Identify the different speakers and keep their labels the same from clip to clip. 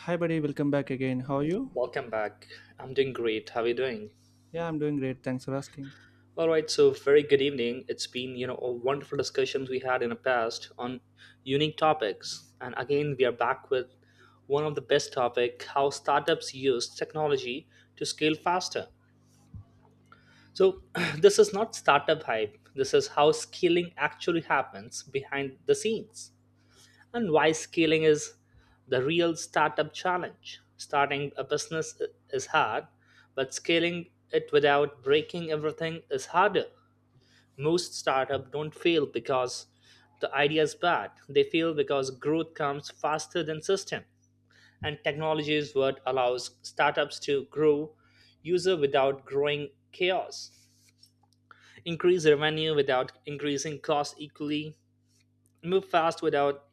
Speaker 1: Hi, buddy. Welcome back again. How are you?
Speaker 2: Welcome back. I'm doing great. How are you doing?
Speaker 1: Yeah, I'm doing great. Thanks for asking.
Speaker 2: All right, so very good evening. It's been, you know, a wonderful discussions we had in the past on unique topics. And again, we are back with one of the best topic, how startups use technology to scale faster. So, this is not startup hype. This is how scaling actually happens behind the scenes. And why scaling is the real startup challenge. Starting a business is hard, but scaling it without breaking everything is harder. Most startups don't fail because the idea is bad. They fail because growth comes faster than system. And technology is what allows startups to grow user without growing chaos, increase revenue without increasing cost equally, move fast without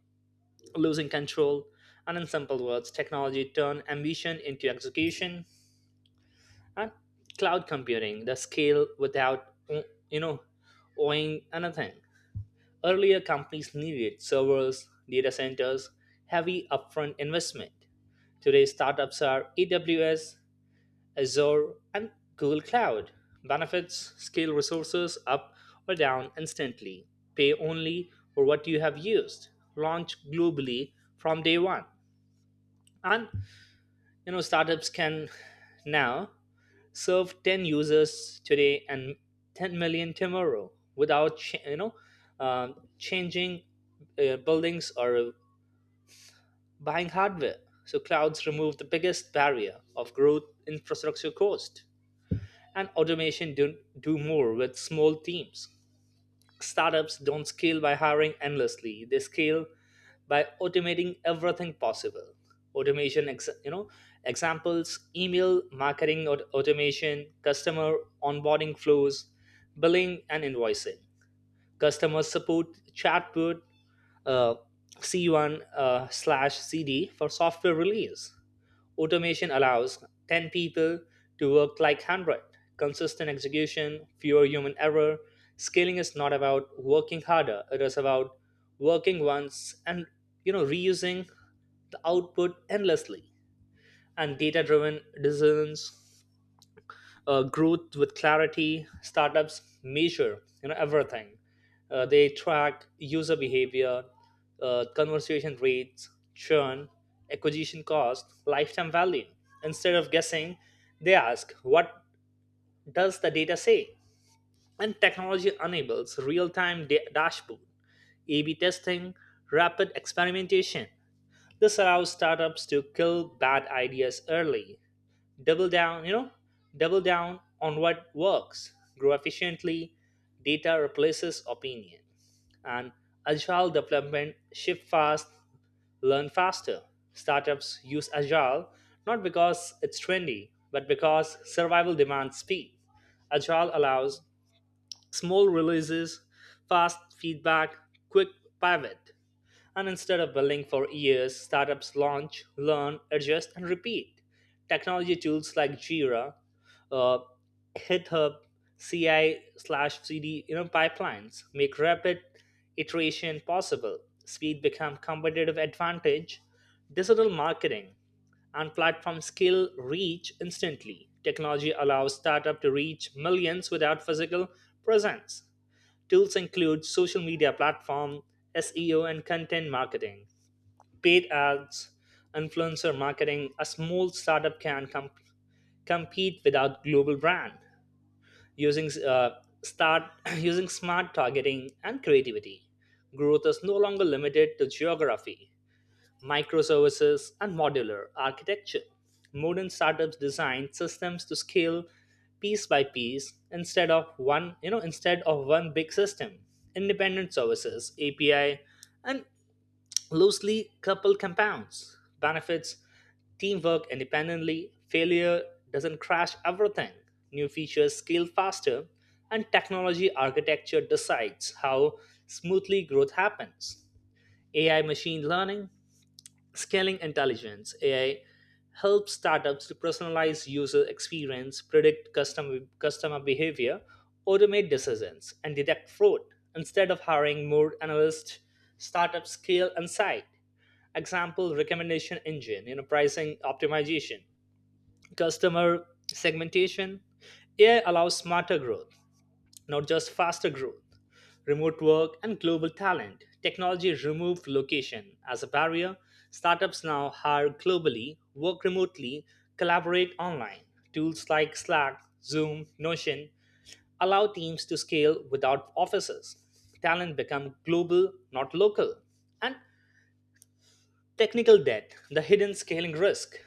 Speaker 2: losing control, and in simple words, technology turned ambition into execution and cloud computing, the scale without you know owing anything. Earlier companies needed servers, data centers, heavy upfront investment. Today startups are AWS, Azure, and Google Cloud. Benefits, scale resources up or down instantly. Pay only for what you have used. Launch globally from day one. And you know startups can now serve 10 users today and 10 million tomorrow without changing buildings or buying hardware, so clouds remove the biggest barrier of growth infrastructure cost and automation do more with small teams. Startups don't scale by hiring endlessly. They scale by automating everything possible. Automation, you know, examples, email marketing automation, customer onboarding flows, billing and invoicing, customer support chatbot, uh, C1 slash CD for software release. Automation allows 10 people to work like 100. Consistent execution, fewer human error. Scaling is not about working harder, it is about working once and you know reusing the output endlessly. And data driven decisions, growth with clarity, startups measure you know everything. They track user behavior, conversation rates, churn, acquisition cost, lifetime value. Instead of guessing, they ask, what does the data say? And technology enables real-time dashboard, ab testing, rapid experimentation. This allows startups to kill bad ideas early, double down you know double down on what works, grow efficiently. Data replaces opinion. And agile development, shift fast, learn faster. Startups use agile not because it's trendy but because survival demands speed. Agile allows small releases, fast feedback, quick pivot. And instead of building for years, startups launch, learn, adjust, and repeat. Technology tools like Jira, uh, GitHub, CI slash CD, you know, pipelines make rapid iteration possible. Speed become competitive advantage. Digital marketing and platform skill reach instantly. Technology allows startup to reach millions without physical presence. Tools include social media platform, SEO and content marketing, paid ads, influencer marketing. A small startup can compete without global brand using start using smart targeting and creativity. Growth is no longer limited to geography. Microservices, and modular architecture. Modern startups design systems to scale piece by piece instead of one big system. Independent services, API, and loosely coupled compounds. Benefits, teamwork independently, failure doesn't crash everything, new features scale faster, and technology architecture decides how smoothly growth happens. AI machine learning. Scaling intelligence. AI helps startups to personalize user experience, predict customer behavior, automate decisions, and detect fraud. Instead of hiring more analysts, startups scale insight. Example: recommendation engine, you know, pricing optimization, customer segmentation. AI allows smarter growth, not just faster growth. Remote work and global talent. Technology removed location as a barrier. Startups now hire globally, work remotely, collaborate online. Tools like Slack, Zoom, Notion allow teams to scale without offices. Talent become global, not local. And technical debt, the hidden scaling risk.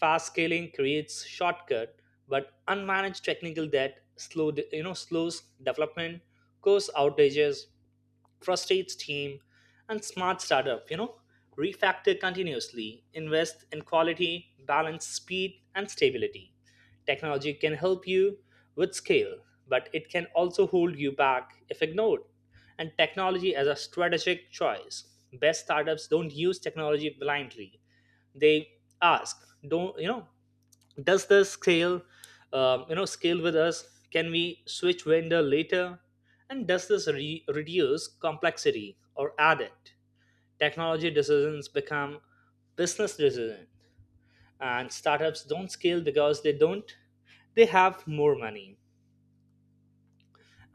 Speaker 2: Fast scaling creates shortcut, but unmanaged technical debt slows development, cause outages, frustrates team. And smart startup you know refactor continuously, invest in quality, balance speed and stability. Technology can help you with scale, but it can also hold you back if ignored. And technology as a strategic choice, best startups don't use technology blindly. They ask, don't you know does the scale scale with us, can we switch vendor later, and does this reduce complexity or add it? Technology decisions become business decisions. And startups don't scale because they don't they have more money.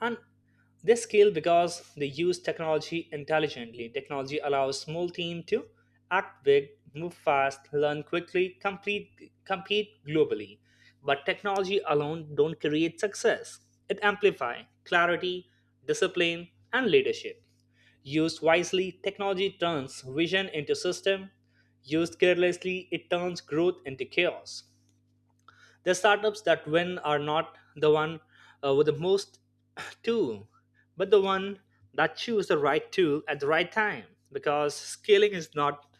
Speaker 2: And they scale because they use technology intelligently. Technology allows small team to act big, move fast, learn quickly, compete globally. But technology alone don't create success. It amplifies clarity, discipline, and leadership. Used wisely, technology turns vision into system. Used carelessly, it turns growth into chaos. The startups that win are not the one with the most tool, but the one that choose the right tool at the right time. Because scaling is not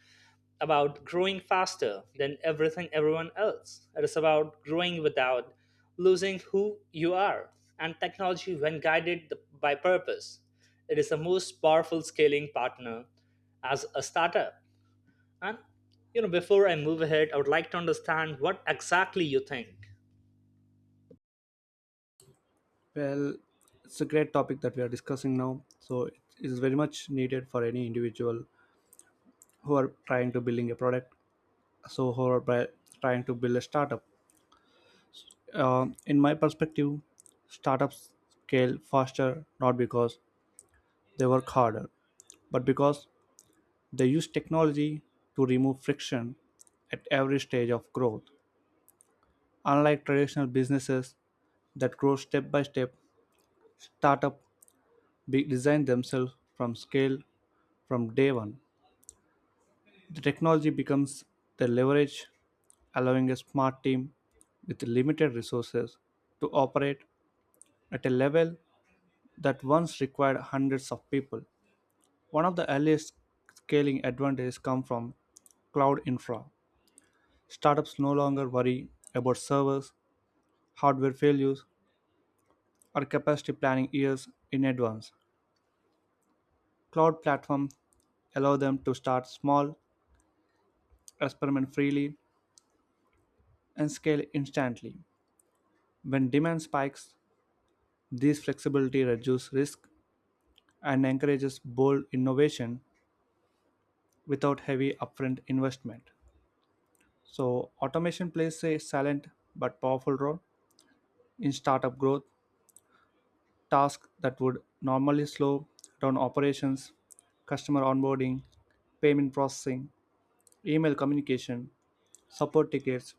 Speaker 2: about growing faster than everything everyone else. It is about growing without losing who you are. And technology, when guided by purpose, it is the most powerful scaling partner as a startup. And you know, before I move ahead, I would like to understand what exactly you think.
Speaker 1: Well, it's a great topic that we are discussing now. So it is very much needed for any individual who are trying to building a product. So who are by- Trying to build a startup. In my perspective, startups scale faster not because they work harder, but because they use technology to remove friction at every stage of growth. Unlike traditional businesses that grow step by step, startup Be design themselves from scale from day one. The technology becomes the leverage, allowing a smart team with limited resources to operate at a level that once required hundreds of people. One of the earliest scaling advantages come from cloud infra. Startups no longer worry about servers, hardware failures, or capacity planning years in advance. Cloud platforms allow them to start small, experiment freely, and scale instantly. When demand spikes, this flexibility reduces risk and encourages bold innovation without heavy upfront investment. So, automation plays a silent but powerful role in startup growth. Tasks that would normally slow down operations, customer onboarding, payment processing, email communication, support tickets,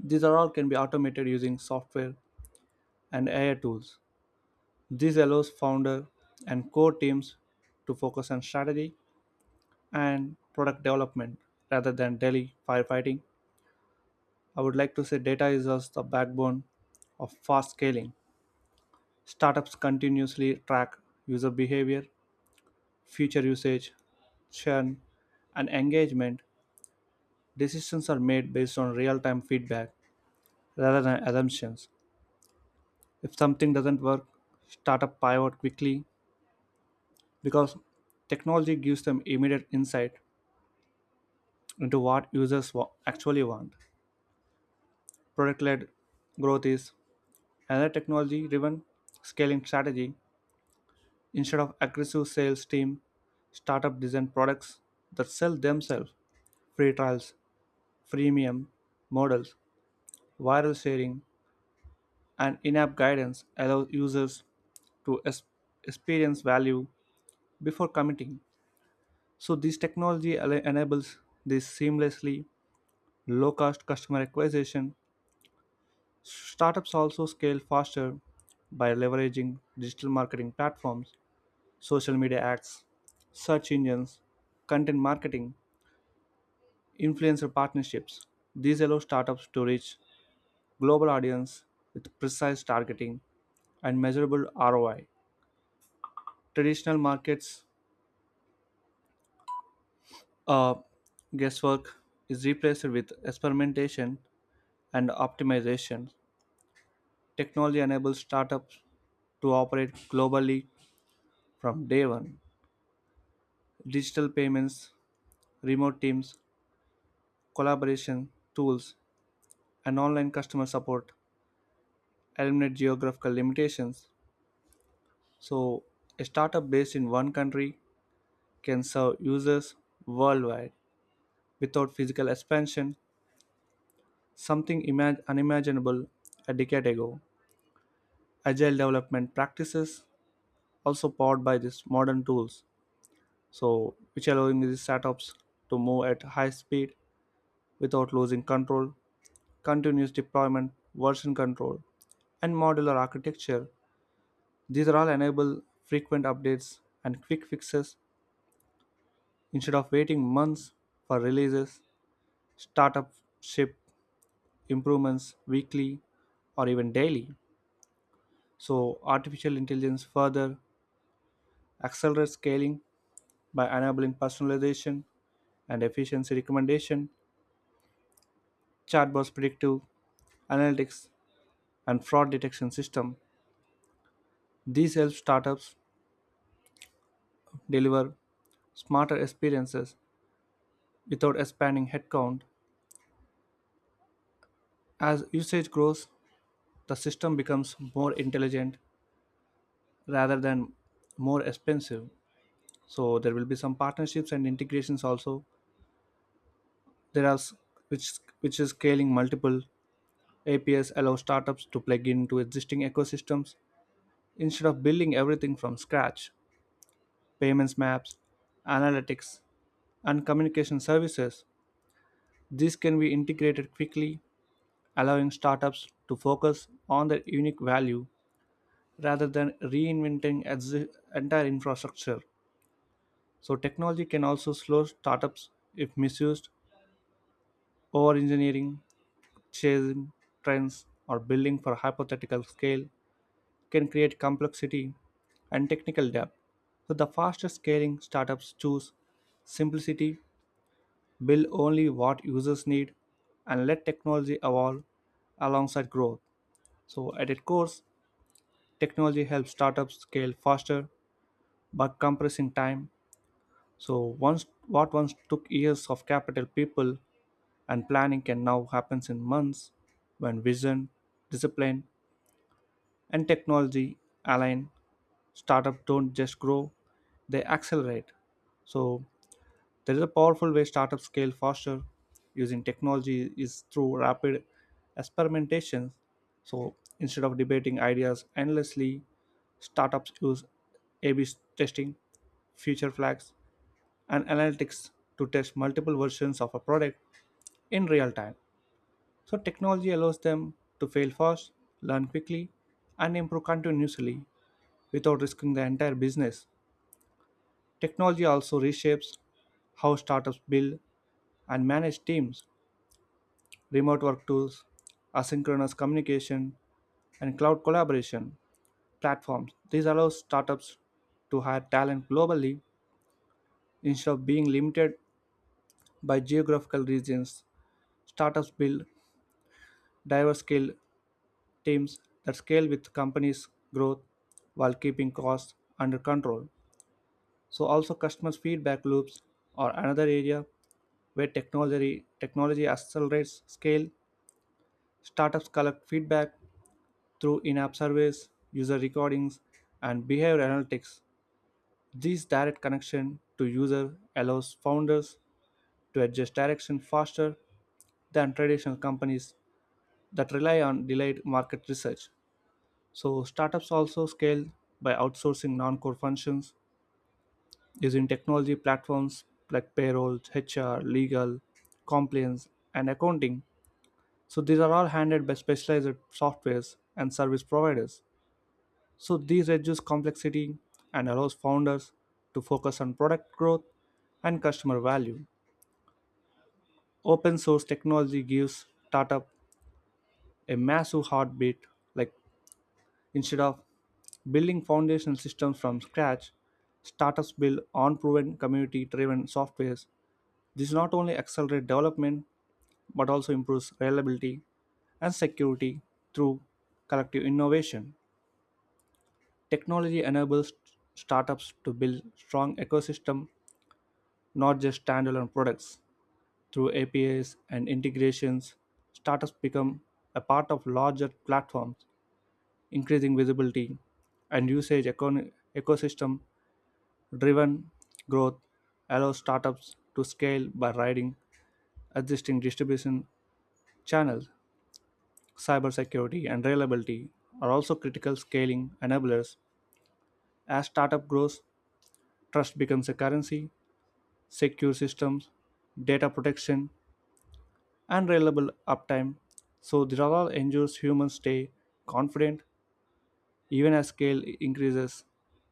Speaker 1: these are all can be automated using software and AI tools. This allows founder and core teams to focus on strategy and product development rather than daily firefighting. I would like to say data is also the backbone of fast scaling. Startups continuously track user behavior, feature usage, churn, and engagement. Decisions are made based on real time feedback rather than assumptions. If something doesn't work, startup pivot quickly because technology gives them immediate insight into what users wa- actually want. Product led growth is another technology driven scaling strategy instead of aggressive sales team. Startup design products that sell themselves free trials, freemium models, viral sharing, and in app guidance allow users to es- experience value before committing. So, this technology al- enables this seamlessly low cost customer acquisition. Startups also scale faster by leveraging digital marketing platforms, social media ads, search engines, content marketing, influencer partnerships. These allow startups to reach global audience with precise targeting and measurable ROI. Traditional markets uh, guesswork is replaced with experimentation and optimization. Technology enables startups to operate globally from day one. Digital payments, remote teams, collaboration tools, and online customer support eliminate geographical limitations. So, a startup based in one country can serve users worldwide without physical expansion, something imag- unimaginable a decade ago. Agile development practices also powered by these modern tools, so which allowing these startups to move at high speed without losing control continuous deployment, version control, and modular architecture. These are all enable frequent updates and quick fixes instead of waiting months for releases, startup ship improvements weekly or even daily. So, artificial intelligence further accelerates scaling by enabling personalization and efficiency recommendation, chatbots predictive analytics, and fraud detection system. These help startups deliver smarter experiences without expanding headcount. As usage grows, the system becomes more intelligent rather than more expensive. So there will be some partnerships and integrations also. There are s- which which is scaling multiple APIs allow startups to plug into existing ecosystems instead of building everything from scratch. Payments maps, analytics, and communication services. These can be integrated quickly, allowing startups to focus on their unique value rather than reinventing exi- entire infrastructure. So technology can also slow startups if misused, over-engineering, chasing trends, or building for hypothetical scale can create complexity and technical debt. So the fastest scaling startups choose simplicity, build only what users need, and let technology evolve alongside growth. So at its core, technology helps startups scale faster by compressing time. So once what once took years of capital people and planning can now happens in months when vision, discipline and technology align, startups don't just grow, they accelerate. So there is a powerful way startups scale faster using technology is through rapid experimentation. So instead of debating ideas endlessly, startups use A/B testing, future flags, and analytics to test multiple versions of a product in real time. So, technology allows them to fail fast, learn quickly, and improve continuously without risking the entire business. Technology also reshapes how startups build and manage teams, remote work tools, asynchronous communication, and cloud collaboration platforms. These allow startups to hire talent globally instead of being limited by geographical regions. Startups build diverse skill teams that scale with companies' growth while keeping costs under control. So also customers' feedback loops are another area where technology accelerates scale. Startups collect feedback through in-app surveys, user recordings, and behavior analytics. This direct connection to user allows founders to adjust direction faster than traditional companies that rely on delayed market research. So startups also scale by outsourcing non-core functions using technology platforms like payroll, HR, legal, compliance, and accounting. So these are all handled by specialized softwares and service providers. So these reduce complexity and allows founders to focus on product growth and customer value. Open source technology gives startup a massive heartbeat like instead of building foundational systems from scratch, startups build unproven community driven softwares. This not only accelerates development but also improves reliability and security through collective innovation. Technology enables startups to build strong ecosystem, not just standalone products. Through APIs and integrations, startups become a part of larger platforms, increasing visibility and usage econ- ecosystem driven growth allows startups to scale by riding existing distribution channels. Cybersecurity and reliability are also critical scaling enablers. As startup grows, trust becomes a currency, secure systems, data protection, and reliable uptime. So, the all ensures humans stay confident even as scale increases.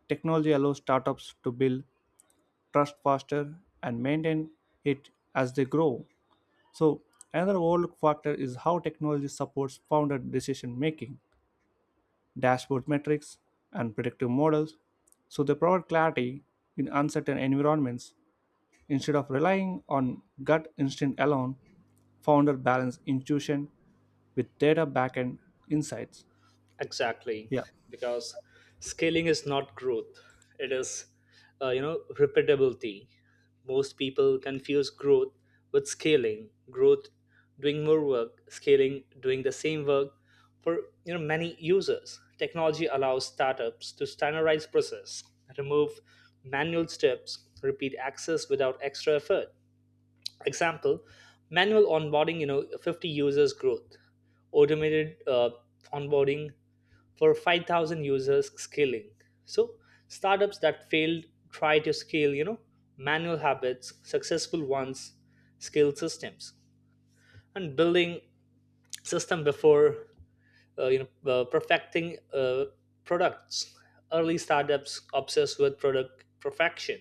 Speaker 1: Technology allows startups to build trust faster and maintain it as they grow. So, another overlooked factor is how technology supports founder decision making, dashboard metrics, and predictive models. So, they provide clarity in uncertain environments. Instead of relying on gut instinct alone, founder balance intuition with data backend insights.
Speaker 2: Exactly,
Speaker 1: Yeah,
Speaker 2: because scaling is not growth; it is, you know, repeatability. Most people confuse growth with scaling. Growth, doing more work; scaling, doing the same work. For you know, many users, technology allows startups to standardize process, remove manual steps, repeat access without extra effort. Example: manual onboarding, you know, 50 users growth. Automated onboarding for 5,000 users, scaling. So startups that failed try to scale you know manual habits. Successful ones scale systems. And building system before perfecting products. Early startups obsessed with product perfection,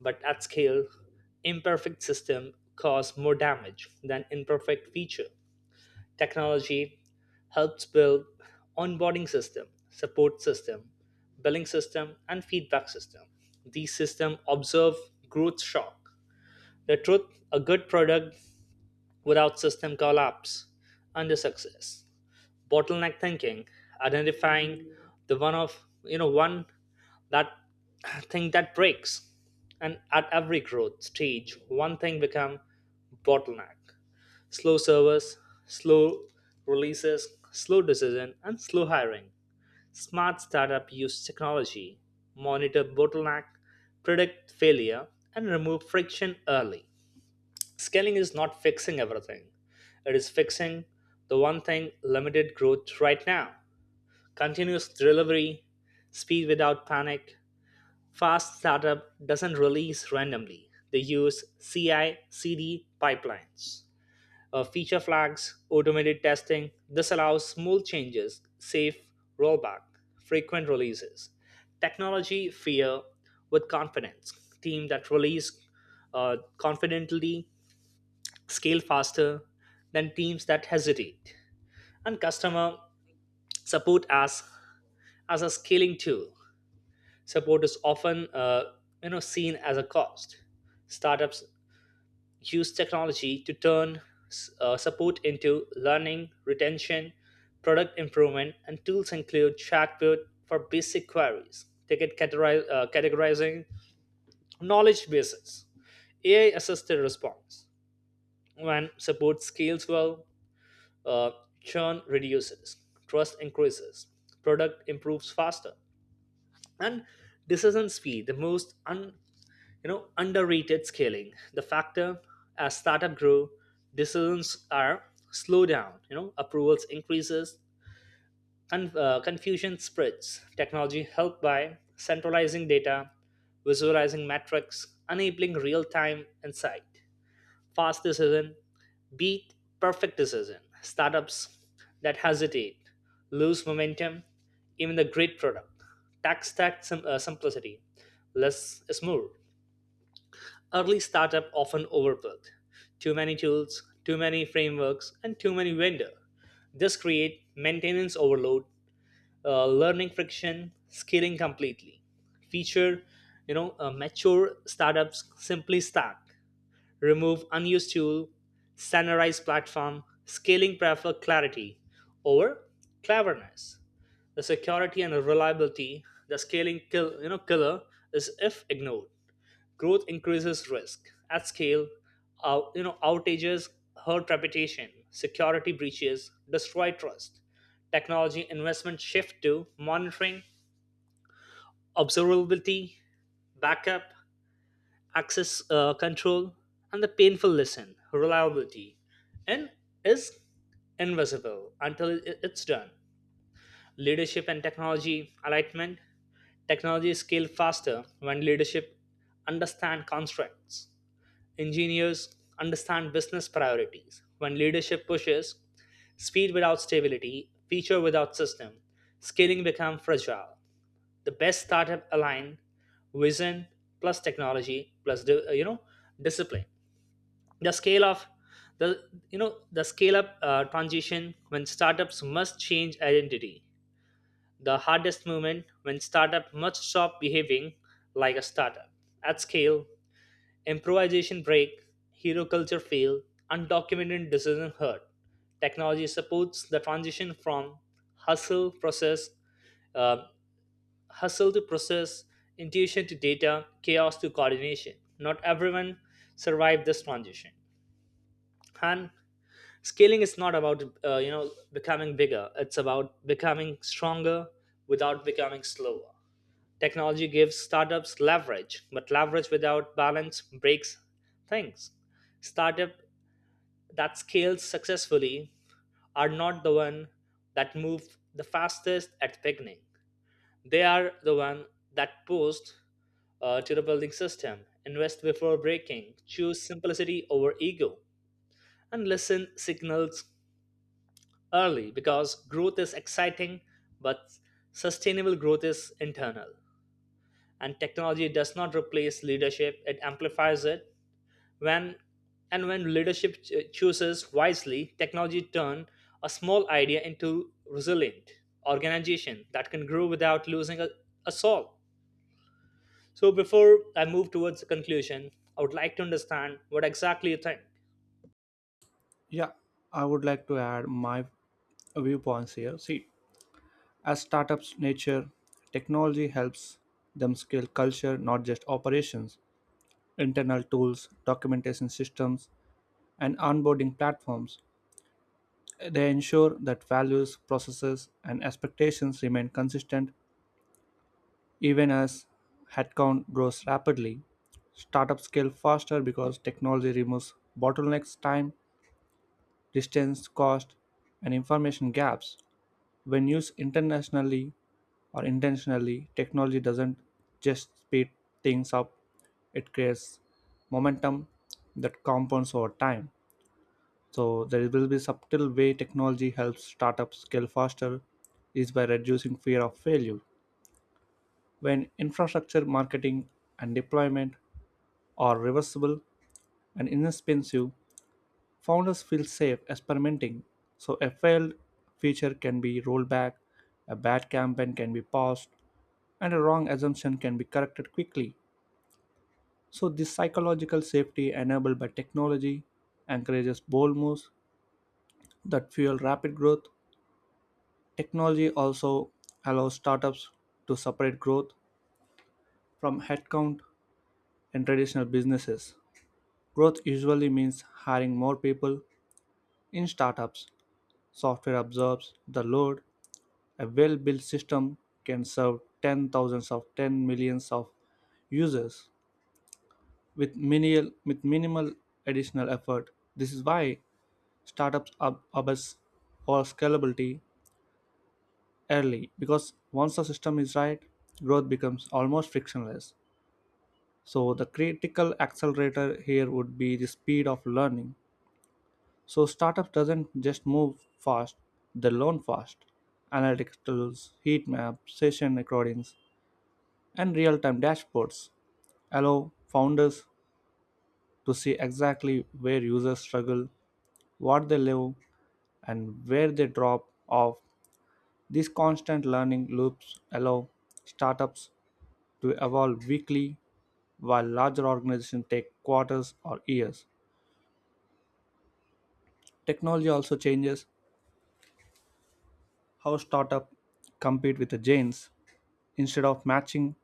Speaker 2: but at scale imperfect system cause more damage than imperfect feature. Technology helps build onboarding system, support system, billing system, and feedback system. These systems observe growth shock. The truth, a good product without system collapse under success. Bottleneck thinking, identifying the one of you know one that thing that breaks. And at every growth stage, one thing become bottleneck, slow service, slow releases, slow decision, and slow hiring. Smart startup use technology, monitor bottleneck, predict failure, and remove friction early. Scaling is not fixing everything. It is fixing the one thing limited growth right now. Continuous delivery, speed without panic. Fast startup doesn't release randomly. They use CI/CD pipelines, feature flags, automated testing. This allows smooth changes, safe rollback, frequent releases. Technology fear with confidence. Team that release confidently scale faster than teams that hesitate. And customer support as a scaling tool. Support is often you know seen as a cost. Startups use technology to turn support into learning, retention, product improvement. And tools include chatbot for basic queries, categorizing, knowledge bases, AI assisted response. When support scales well, uh, churn reduces, trust increases, product improves faster. And decision speed, the most you know underrated scaling the factor. As startup grow, decisions are slow down, you know, approvals increases, confusion spreads. Technology helped by centralizing data, visualizing metrics, enabling real-time insight. Fast decision beat perfect decision. Startups that hesitate lose momentum even the great product. Tax stack simplicity, less is more. Early startup often overbuilt. Too many tools, too many frameworks, and too many vendor. This create maintenance overload, learning friction, scaling completely. Feature, you know, mature startups simply stack, remove unused tool, standardized platform, scaling prefer clarity over cleverness. The security and reliability, the scaling killer, is if ignored. Growth increases risk at scale. Outages hurt reputation, security breaches destroy trust. Technology investment shift to monitoring, observability, backup, access control, and the painful lesson reliability. And is invisible until it's done. Leadership and technology alignment. Technology scale faster when leadership understand constraints. Engineers understand business priorities. When leadership pushes speed without stability, feature without system, scaling becomes fragile. The best startup align vision plus technology plus discipline. The scale of the you know the scale up transition when startups must change identity. The hardest moment when startup must stop behaving like a startup. At scale, improvisation break, hero culture fail, undocumented decision hurt. Technology supports the transition from hustle process, uh, hustle to process, intuition to data, chaos to coordination. Not everyone survived this transition. And scaling is not about becoming bigger. It's about becoming stronger without becoming slower. Technology gives startups leverage, but leverage without balance breaks things. Startup that scales successfully are not the one that move the fastest at the beginning. They are the one that post to the building system, invest before breaking, choose simplicity over ego, and listen signals early, because growth is exciting, but sustainable growth is internal. And technology does not replace leadership, it amplifies it. when when leadership chooses wisely, technology turn a small idea into resilient organization that can grow without losing a soul. So before I move towards the conclusion, I would like to understand what exactly you think.
Speaker 1: yeah, I would like to add my viewpoints here. See, as startups' nature, technology helps them scale culture, not just operations. Internal tools, documentation systems, and onboarding platforms. They ensure that values, processes, and expectations remain consistent even as headcount grows rapidly. Startups scale faster because technology removes bottlenecks, time, distance, cost, and information gaps. When used internationally or intentionally, technology doesn't just speed things up, it creates momentum that compounds over time. So there will be subtle way technology helps startups scale faster is by reducing fear of failure. When infrastructure, marketing, and deployment are reversible and inexpensive, founders feel safe experimenting. So a failed feature can be rolled back, a bad campaign can be paused, and a wrong assumption can be corrected quickly. So this psychological safety enabled by technology encourages bold moves that fuel rapid growth. Technology also allows startups to separate growth from headcount in traditional businesses. Growth usually means hiring more people. In startups, software absorbs the load. A well built system can serve 10 thousands of 10 millions of users with minimal additional effort. This is why startups are obsess over scalability early because once the system is right, growth becomes almost frictionless. So the critical accelerator here would be the speed of learning. So startups doesn't just move fast, they learn fast. Analytics tools, heat maps, session recordings, and real-time dashboards allow founders to see exactly where users struggle, what they live, and where they drop off. These constant learning loops allow startups to evolve weekly while larger organizations take quarters or years. Technology also changes how startups compete with the giants. Instead of matching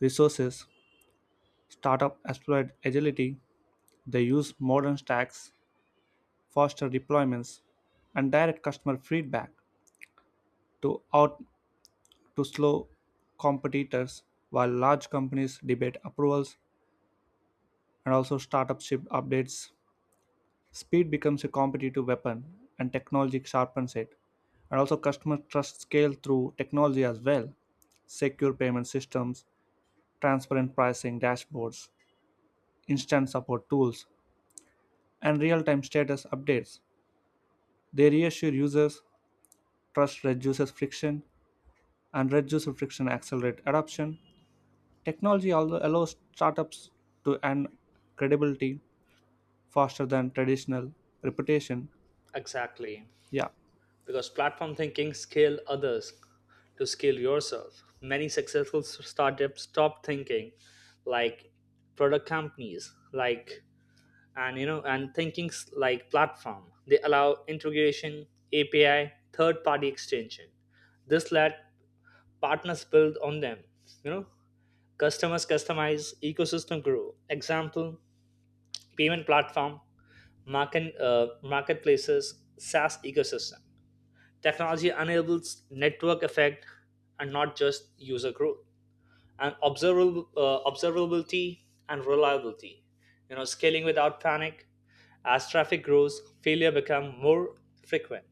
Speaker 1: resources, startups exploit agility. They use modern stacks, faster deployments, and direct customer feedback to out to slow competitors while large companies debate approvals and also startup ship updates. Speed becomes a competitive weapon, and technology sharpens it. And also, customer trust scale through technology as well. Secure payment systems, transparent pricing dashboards, instant support tools, and real time status updates. They reassure users, trust reduces friction, and reduced friction accelerates adoption. Technology also allows startups to earn credibility faster than traditional reputation.
Speaker 2: Exactly,
Speaker 1: Yeah.
Speaker 2: because platform thinking scale others to scale yourself. Many successful startups stop thinking like product companies, like and you know and thinkings like platform. They allow integration, api, third party extension. This let partners build on them, you know, customers customize, ecosystem grow. Example, payment platform, marketplaces, saas ecosystem. Technology enables network effect, and not just user growth. And observability and reliability, you know, scaling without panic. As traffic grows, failure become more frequent,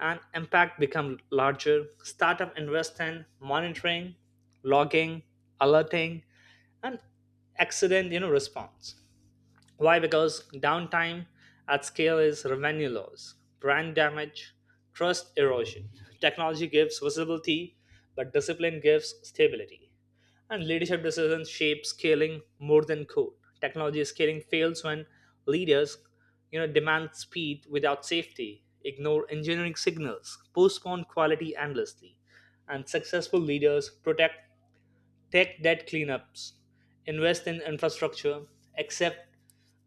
Speaker 2: and impact become larger. Startup invest in monitoring, logging, alerting, and accident response. Why? Because downtime at scale is revenue loss, brand damage, trust erosion. Technology gives visibility, but discipline gives stability. And leadership decisions shape scaling more than code. Technology scaling fails when leaders, you know, demand speed without safety, ignore engineering signals, postpone quality endlessly. And successful leaders protect, take debt cleanups, invest in infrastructure, accept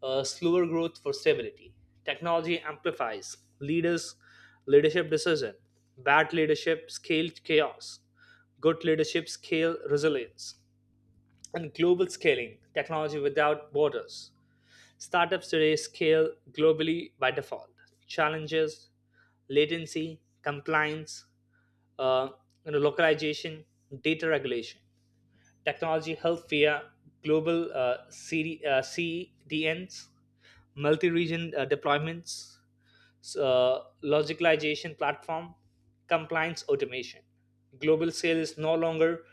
Speaker 2: slower growth for stability. Technology amplifies leaders' leadership decision. Bad leadership scale chaos. Good leadership scale resilience. And global scaling, technology without borders. Startups today scale globally by default. Challenges, latency, compliance, uh, localization, data regulation. Technology help via global CDNs, multi-region deployments, logicalization platform, compliance automation. Global scale is no longer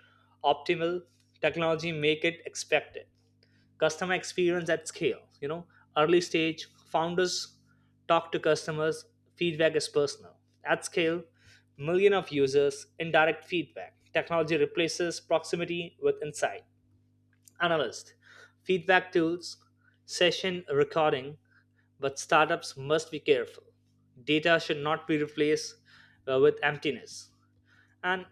Speaker 2: optimal. Technology make it expected. Customer experience at scale. You know, early stage founders talk to customers. Feedback is personal. At scale, million of users, indirect feedback. Technology replaces proximity with insight, analyst, feedback tools, session recording, but startups must be careful. Data should not be replaced with emptiness. And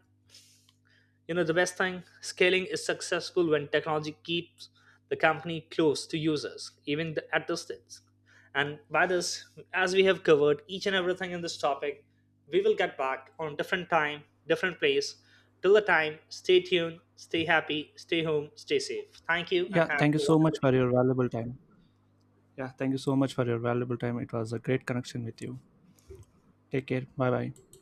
Speaker 2: you know, the best thing, scaling is successful when technology keeps the company close to users, even at distance. And by this, as we have covered each and everything in this topic, we will get back on different time, different place. Till the time, stay tuned, stay happy, stay home, stay safe. Thank you, and
Speaker 1: Yeah.
Speaker 2: have
Speaker 1: Thank you
Speaker 2: a
Speaker 1: so
Speaker 2: wonderful
Speaker 1: much for
Speaker 2: day.
Speaker 1: your valuable time. Yeah, thank you so much for your valuable time. It was a great connection with you. Take care. Bye bye.